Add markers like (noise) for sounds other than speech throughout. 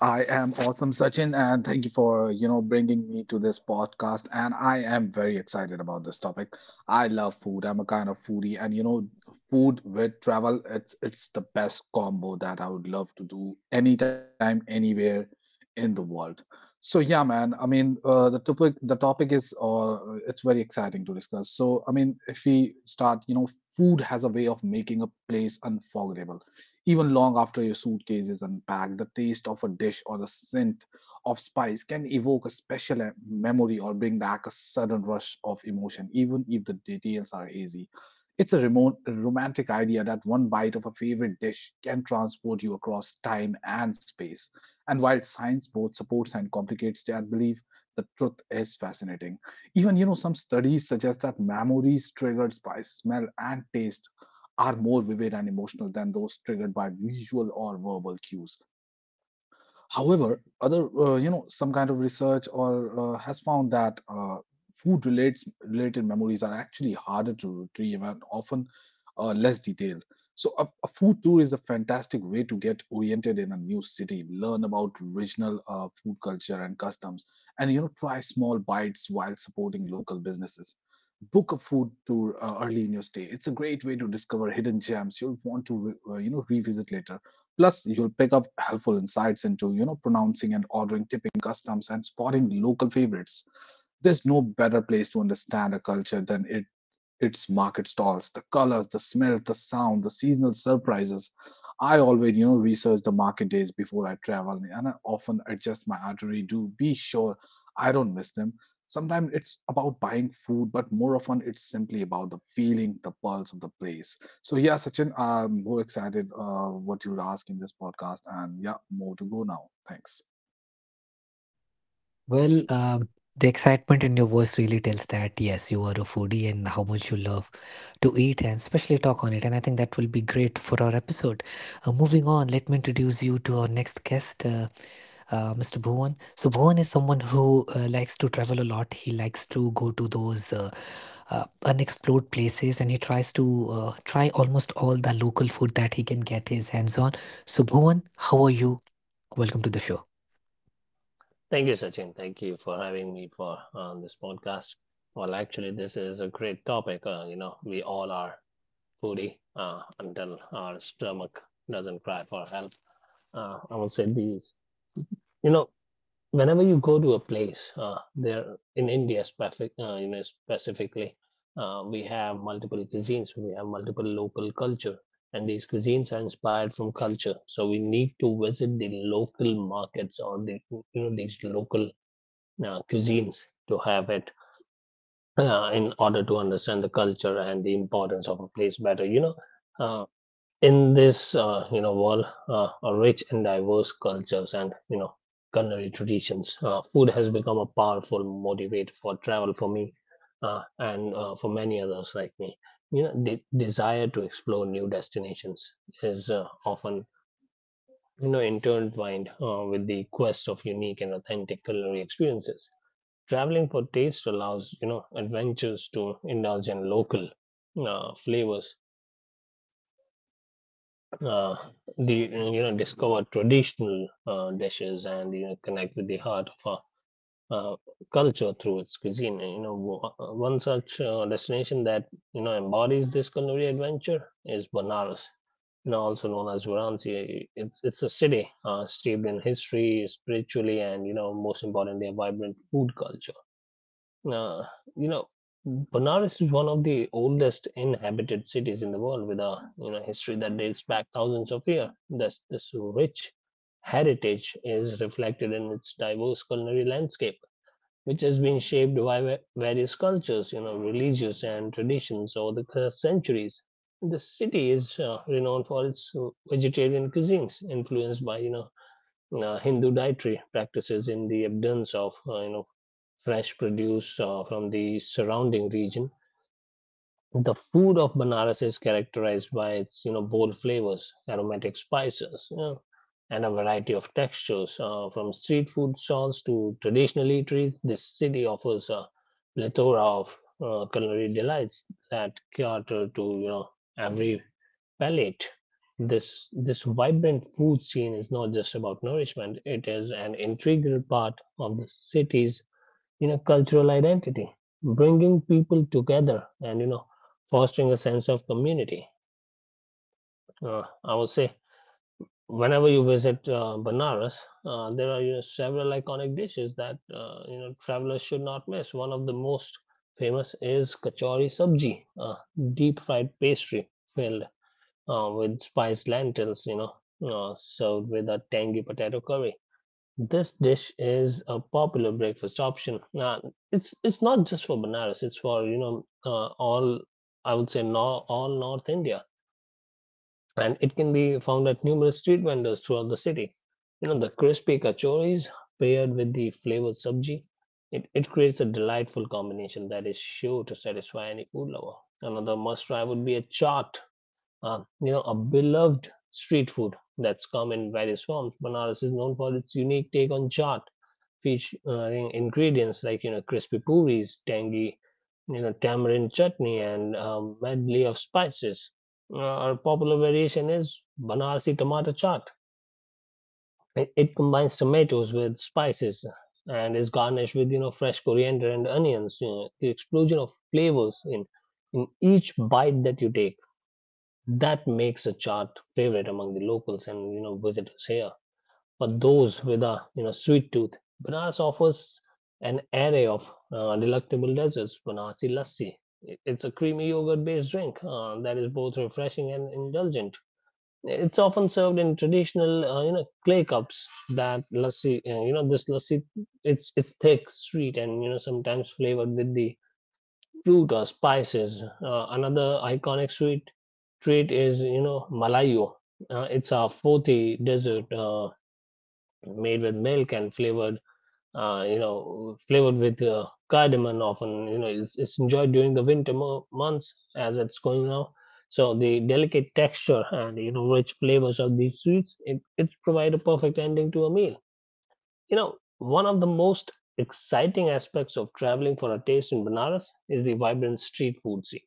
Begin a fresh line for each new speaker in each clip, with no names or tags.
I am awesome, Sachin, and thank you for, bringing me to this podcast. And I am very excited about this topic. I love food. I'm a kind of foodie, and food with travel, it's the best combo that I would love to do anytime, anywhere in the world. So yeah, man. The topic is, it's very exciting to discuss. So if we start, food has a way of making a place unforgettable. Even long after your suitcase is unpacked, the taste of a dish or the scent of spice can evoke a special memory or bring back a sudden rush of emotion, even if the details are hazy. It's a remote, romantic idea that one bite of a favorite dish can transport you across time and space. And while science both supports and complicates that belief, the truth is fascinating. Even, some studies suggest that memories triggered by smell and taste are more vivid and emotional than those triggered by visual or verbal cues. However, other some kind of research or has found that food relates related memories are actually harder to retrieve and often less detailed. So a food tour is a fantastic way to get oriented in a new city, learn about regional food culture and customs, and try small bites while supporting local businesses. Book a food tour early in your stay. It's a great way to discover hidden gems you'll want to revisit later. Plus, you'll pick up helpful insights into, pronouncing and ordering tipping customs and spotting local favorites. There's no better place to understand a culture than it its market stalls, the colors, the smells, the sound, the seasonal surprises. I always, research the market days before I travel, and I often adjust my itinerary to be sure I don't miss them. Sometimes it's about buying food, but more often it's simply about the feeling, the pulse of the place. So yeah, Sachin, I'm more excited what you'll ask in this podcast, and yeah, more to go now. Thanks.
Thank you, Sachin. Thank you for having me for on this podcast. Actually, this is a great topic. We all are foodie until our stomach doesn't cry for help. I will say these. You know, whenever you go to a place, there in India specific, specifically, we have multiple cuisines. We have multiple local culture, and these cuisines are inspired from culture. So we need to visit the local markets or the these local cuisines to have it in order to understand the culture and the importance of a place better. Uh, in this world, a rich and diverse cultures and culinary traditions, food has become a powerful motivator for travel for me and for many others like me. You know, the desire to explore new destinations is often intertwined with the quest of unique and authentic culinary experiences. Traveling for taste allows, you know, adventures to indulge in local flavors. Uh, the you know discover traditional dishes and connect with the heart of our culture through its cuisine. One such destination that embodies this culinary adventure is Banaras. You know, also known as Varanasi, it's a city steeped in history, spiritually, and, you know, most importantly, a vibrant food culture. Uh, you know, Benares is one of the oldest inhabited cities in the world with a history that dates back thousands of years. This rich heritage is reflected in its diverse culinary landscape, which has been shaped by various cultures, you know, religious and traditions over the centuries. The city is renowned for its vegetarian cuisines, influenced by Hindu dietary practices in the abundance of fresh produce from the surrounding region. The food of Banaras is characterized by its, you know, bold flavors, aromatic spices, you know, and a variety of textures. From street food stalls to traditional eateries, this city offers a plethora of culinary delights that cater to, you know, every palate. This vibrant food scene is not just about nourishment; it is an integral part of the city's cultural identity, bringing people together and fostering a sense of community. I would say whenever you visit Banaras, there are, you know, several iconic dishes that travelers should not miss. One of the most famous is kachori sabji, a deep fried pastry filled with spiced lentils. Served with a tangy potato curry. This dish is a popular breakfast option. Now, it's not just for Banaras; it's for, all, I would say, no, all North India, and it can be found at numerous street vendors throughout the city. You know, the crispy kachoris paired with the flavored sabji, it creates a delightful combination that is sure to satisfy any food lover. Another must try would be a chaat. You know, a beloved street food that's come in various forms. Banaras is known for its unique take on chaat fish ingredients like, you know, crispy puris, tangy, tamarind chutney, and medley of spices. Our popular variation is Banarsi tomato chaat. It combines tomatoes with spices and is garnished with, fresh coriander and onions. You know, the explosion of flavors in each bite that you take, that makes a chaat favorite among the locals and, visitors here for those with a sweet tooth. Banaras offers an array of delectable desserts. Banasi lassi. It's a creamy yogurt-based drink that is both refreshing and indulgent. It's often served in traditional, you know, clay cups. That lassi, you know, this lassi, it's thick, sweet, and, sometimes flavored with the fruit or spices. Another iconic sweet treat is, malayo. It's a 40 dessert made with milk and flavored, flavored with cardamom. Often, you know, it's enjoyed during the winter months as it's going now. So the delicate texture and, rich flavors of these sweets, it provide a perfect ending to a meal. You know, one of the most exciting aspects of traveling for a taste in Banaras is the vibrant street food scene.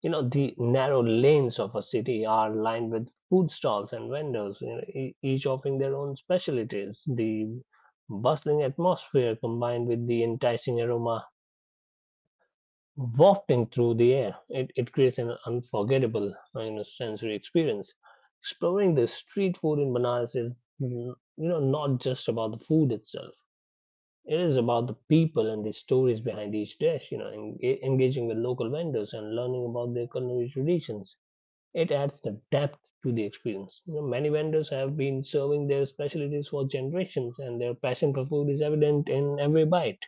You know, the narrow lanes of a city are lined with food stalls and vendors, you know, each offering their own specialties. The bustling atmosphere combined with the enticing aroma wafting through the air, it creates an unforgettable, you know, sensory experience. Exploring the street food in Banaras is, not just about the food itself. It is about the people and the stories behind each dish. You know, engaging with local vendors and learning about their culinary traditions, it adds the depth to the experience. You know, many vendors have been serving their specialties for generations, and their passion for food is evident in every bite.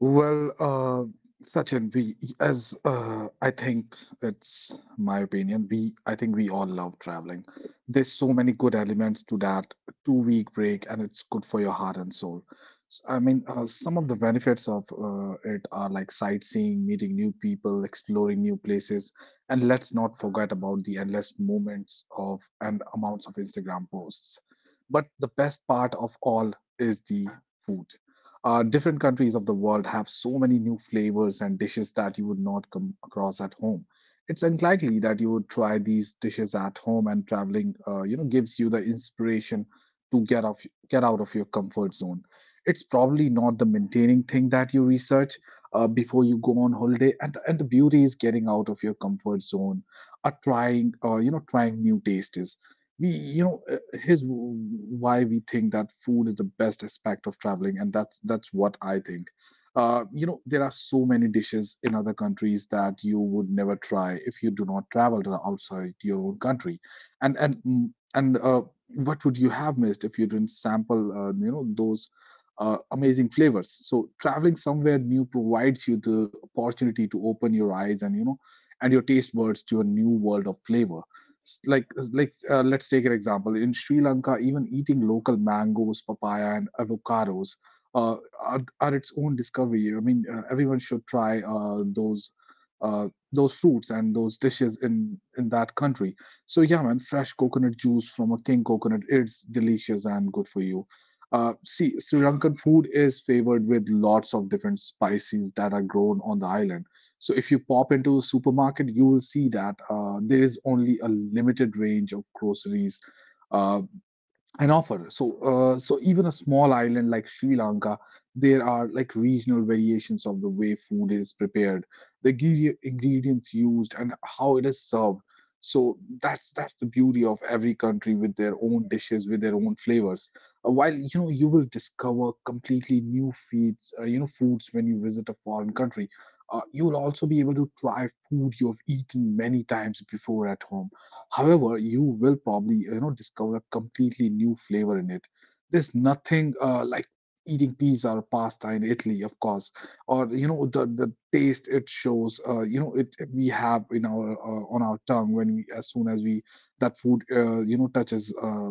Well, Sachin, we as I think it's my opinion. We I think we all love traveling. There's so many good elements to that 2 week break, and it's good for your heart and soul. Some of the benefits of it are like sightseeing, meeting new people, exploring new places, and let's not forget about the endless moments of and amounts of Instagram posts. But the best part of all is the food. Different countries of the world have so many new flavors and dishes that you would not come across at home. It's unlikely that you would try these dishes at home, and traveling, gives you the inspiration to get off, get out of your comfort zone. It's probably not the maintaining thing that you research before you go on holiday, and the beauty is getting out of your comfort zone, trying new tastes we you know here's why we think that food is the best aspect of traveling, and that's what I think. There are so many dishes in other countries that you would never try if you do not travel to the outside your own country. And mm, and What would you have missed if you didn't sample those amazing flavors? So traveling somewhere new provides you the opportunity to open your eyes, and and your taste buds to a new world of flavor. S- Like, let's take an example. In Sri Lanka, even eating local mangoes, papaya, and avocados are its own discovery. Everyone should try those fruits and those dishes in that country. So yeah, man, fresh coconut juice from a king coconut, it's delicious and good for you. See, Sri Lankan food is favored with lots of different spices that are grown on the island. So if you pop into a supermarket, you will see that there is only a limited range of groceries uh, an offer. So, so even a small island like Sri Lanka, there are like regional variations of the way food is prepared, the ingredients used, and how it is served. So that's the beauty of every country with their own dishes, with their own flavors. While you will discover completely new feeds, foods when you visit a foreign country. You will also be able to try food you have eaten many times before at home. However, you will probably discover a completely new flavor in it. There's nothing like eating pizza or pasta in Italy, of course, or the taste it shows. It we have in our on our tongue when we as soon as we that food touches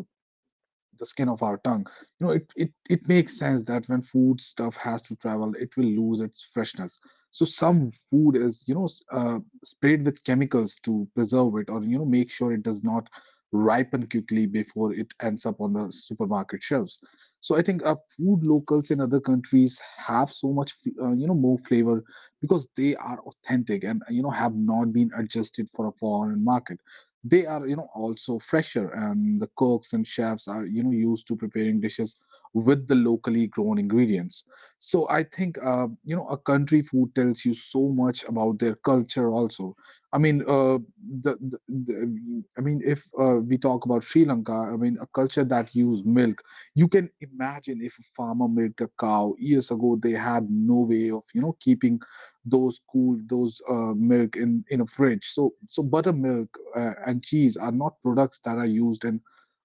the skin of our tongue. It makes sense that when food stuff has to travel it will lose its freshness. So some food is sprayed with chemicals to preserve it, or make sure it does not ripen quickly before it ends up on the supermarket shelves. So I think food locals in other countries have so much more flavor because they are authentic, and have not been adjusted for a foreign market. They are also fresher, and the cooks and chefs are used to preparing dishes with the locally grown ingredients. So I think a country food tells you so much about their culture also. I mean the I mean If we talk about Sri Lanka, I mean a culture that used milk, you can imagine if a farmer milked a cow years ago they had no way of keeping those cool those milk in a fridge. So buttermilk and cheese are not products that are used in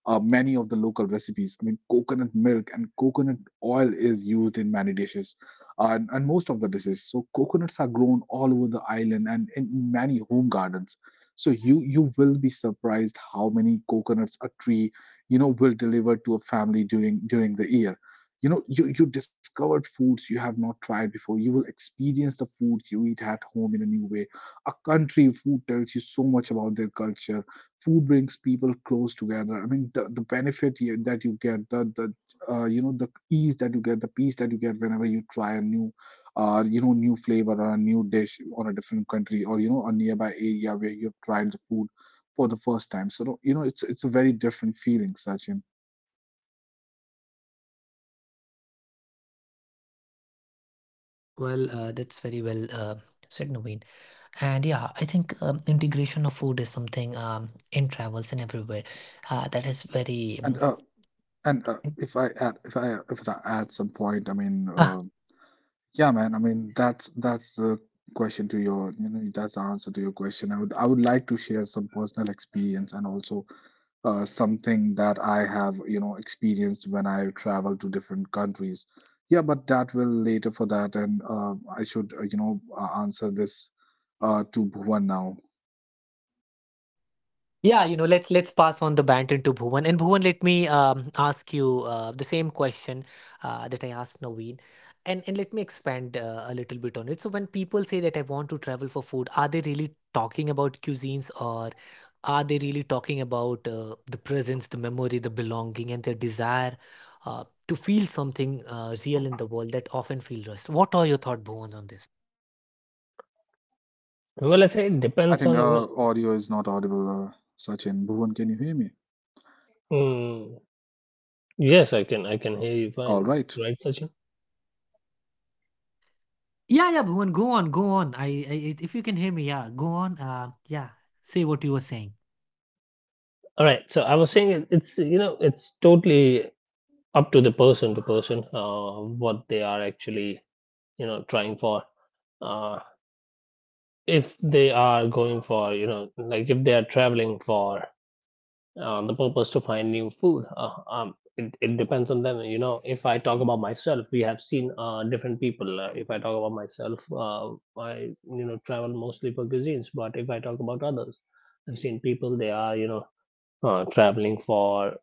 many of the local recipes. I mean coconut milk and coconut oil is used in many dishes and most of the dishes. So coconuts are grown all over the island and in many home gardens. So you will be surprised how many coconuts a tree will deliver to a family during the year. You discovered foods you have not tried before. You will experience the foods you eat at home in a new way. A country food tells you so much about their culture. Food brings people close together. I mean the benefit that you get, the ease that you get, the peace that you get whenever you try a new new flavor or a new dish on a different country, or a nearby area where you've tried the food for the first time. So it's a very different feeling, Sachin. and uh, And if I add some point, yeah, man. I mean, that's the question to your, that's the answer to your question. I would like to share some personal experience, and also something that I have, experienced when I travel to different countries. Yeah, but that will later for that, and I should, answer this to Bhuvan now.
Well, I say it
I
depends
think
on,
audio is not audible, Sachin. Bhuvan, can you hear me?
Mm, yes, I can hear you
All
fine,
right.
right, Sachin? All right. So I was saying, it's it's totally up to the person to person what they are actually trying for. Uh, if they are going for, like if they are traveling for the purpose to find new food. It depends on them. You know, if I talk about myself, we have seen different people. If I talk about myself, I, travel mostly for cuisines. But if I talk about others, I've seen people. They are, traveling for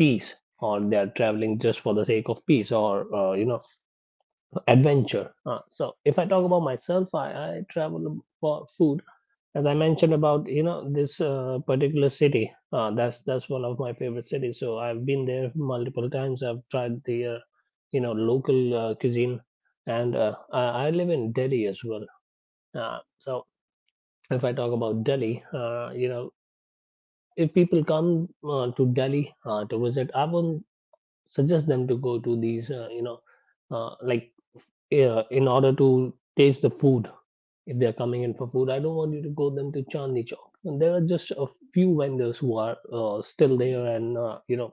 peace, or they are traveling just for the sake of peace, or, adventure. So if I talk about myself, I travel for food as I mentioned about, this particular city, that's one of my favorite cities. So I've been there multiple times. I've tried the, local cuisine, and I live in Delhi as well. So if I talk about Delhi, if people come to Delhi to visit, I won't suggest them to go to these, uh, like in order to taste the food. If they're coming in for food, I don't want you to go them to Chandni Chowk. And there are just a few vendors who are still there and,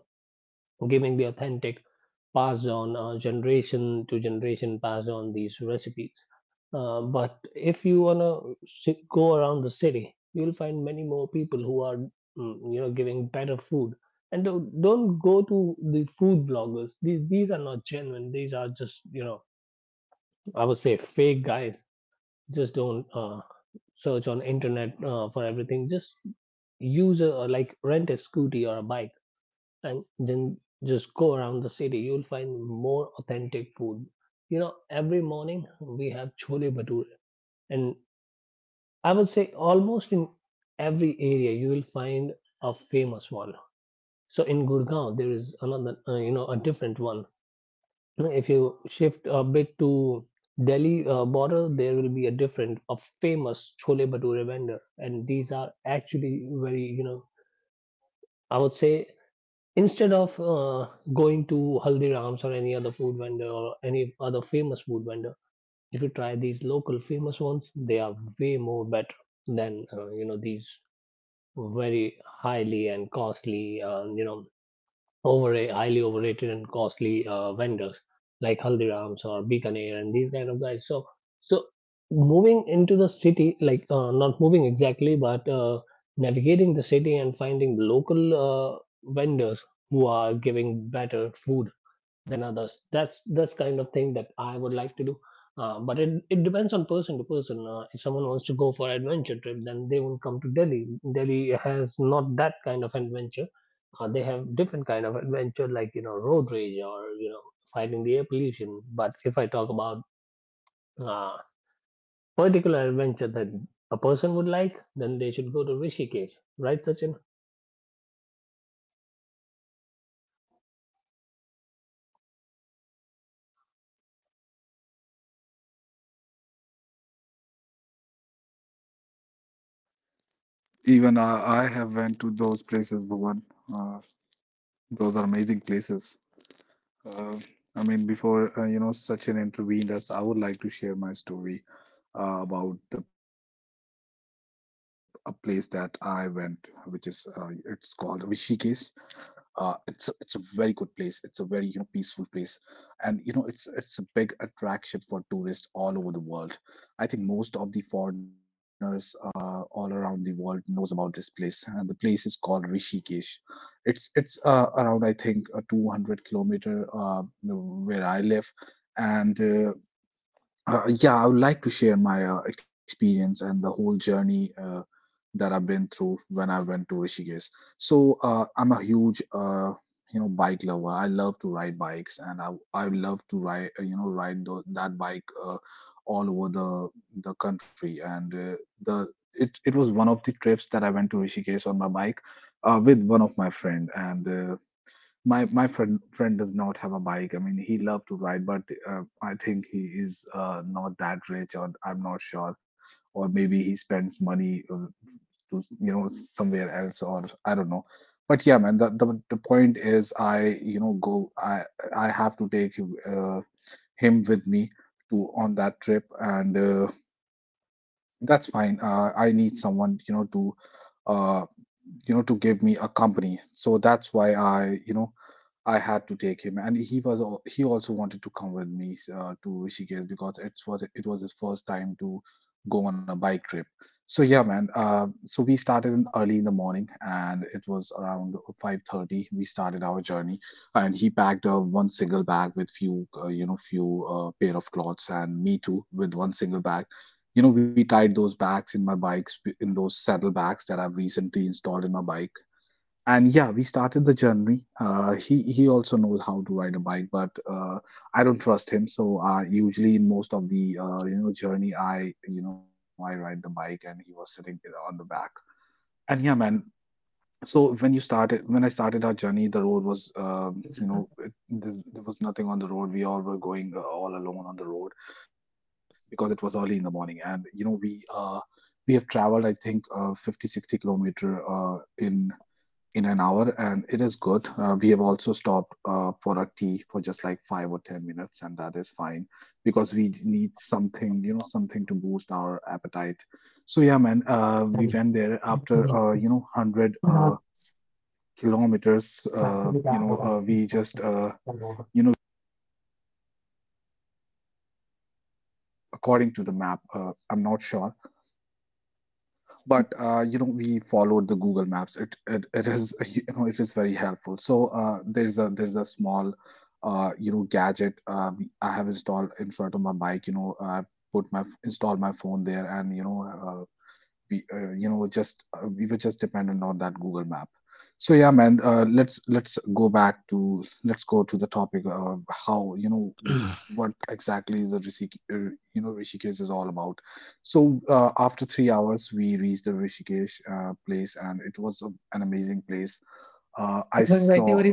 giving the authentic, passed on, generation to generation, passed on these recipes. But if you wanna go around the city, you'll find many more people who are, giving better food. And don't go to the food bloggers. These are not genuine. These are just, I would say, fake guys. Just don't search on internet for everything. Just use a, like, rent a scooty or a bike, and then just go around the city. You'll find more authentic food. You know, every morning we have chole bhature, and I would say almost in every area you will find a famous one. So in Gurgaon there is another, a different one. Now, if you shift a bit to Delhi border, there will be a different, a famous chole bhature vendor, and these are actually very, you know, I would say, instead of going to Haldiram's or any other food vendor or any other famous food vendor, if you try these local famous ones, they are way more better than, these very highly and costly, over highly overrated and costly vendors like Haldiram's or Bikaner and these kind of guys. So moving into the city, like, not moving exactly, but navigating the city and finding local vendors who are giving better food than others. That's kind of thing that I would like to do. But it depends on person to person. If someone wants to go for adventure trip, then they won't come to Delhi. Delhi has not that kind of adventure. They have different kind of adventure, like, you know, road rage or, fighting the air pollution. But if I talk about uh, particular adventure that a person would like, then they should go to Rishikesh, right, Sachin?
Even I have went to those places, Bhuvan. Uh, those are amazing places. Uh, Before Sachin intervened us, I would like to share my story about the a place that I went, which is it's called Rishikesh. It's a very good place. It's a very, peaceful place. And it's a big attraction for tourists all over the world. I think most of the foreigners all around the world knows about this place, and the place is called Rishikesh. It's around I think a 200 kilometer where I live, and yeah, I would like to share my experience and the whole journey. That I've been through when I went to Rishikesh. So I'm a huge bike lover. I love to ride bikes, and I love to ride that bike all over the country. And the it it was one of the trips that I went to Rishikesh on my bike with one of my friend and. Uh, my friend does not have a bike. I mean, he loved to ride, but I think he is not that rich, or I'm not sure, or maybe he spends money to you know somewhere else, or I don't know. But yeah, man, the point is I you know go I have to take uh, him with me to on that trip, and that's fine. I need someone to uh to give me a company. So that's why I you know I had to take him, and he also wanted to come with me to Rishikesh, because it was his first time to go on a bike trip. So yeah, man. So we started in early in the morning, and it was around 5:30. We started our journey, and he packed one single bag with few few pair of clothes, and me too with one single bag. You know, we tied those bags in my bikes, in those saddle bags that I've recently installed in my bike. And yeah, we started the journey. He also knows how to ride a bike, but I don't trust him. So usually in most of the journey I you know I ride the bike and he was sitting on the back. And yeah, man, so when I started our journey, the road was there was nothing on the road. We all were going all alone on the road, because it was early in the morning. And you know, uh, we have traveled, I think, 50 60 kilometer uh, in in an hour, and it is good. We have also stopped for a tea for just like 5 or 10 minutes, and that is fine, because need something, you know, something to boost our appetite. So yeah, man, we went there after 100 kilometers. You know, we just you know According to the map, i'm not sure, but we followed the Google Maps. It is (laughs) you know it is very helpful. So there's a small gadget I have installed in front of my bike. You know, I put my install my phone there. And you know, we were just dependent on that google map. So yeah, man, let's go to the topic of how, you know, what exactly is the Rishik- you know rishikesh is all about. So after 3 hours we reached the rishikesh place, and an amazing place. I saw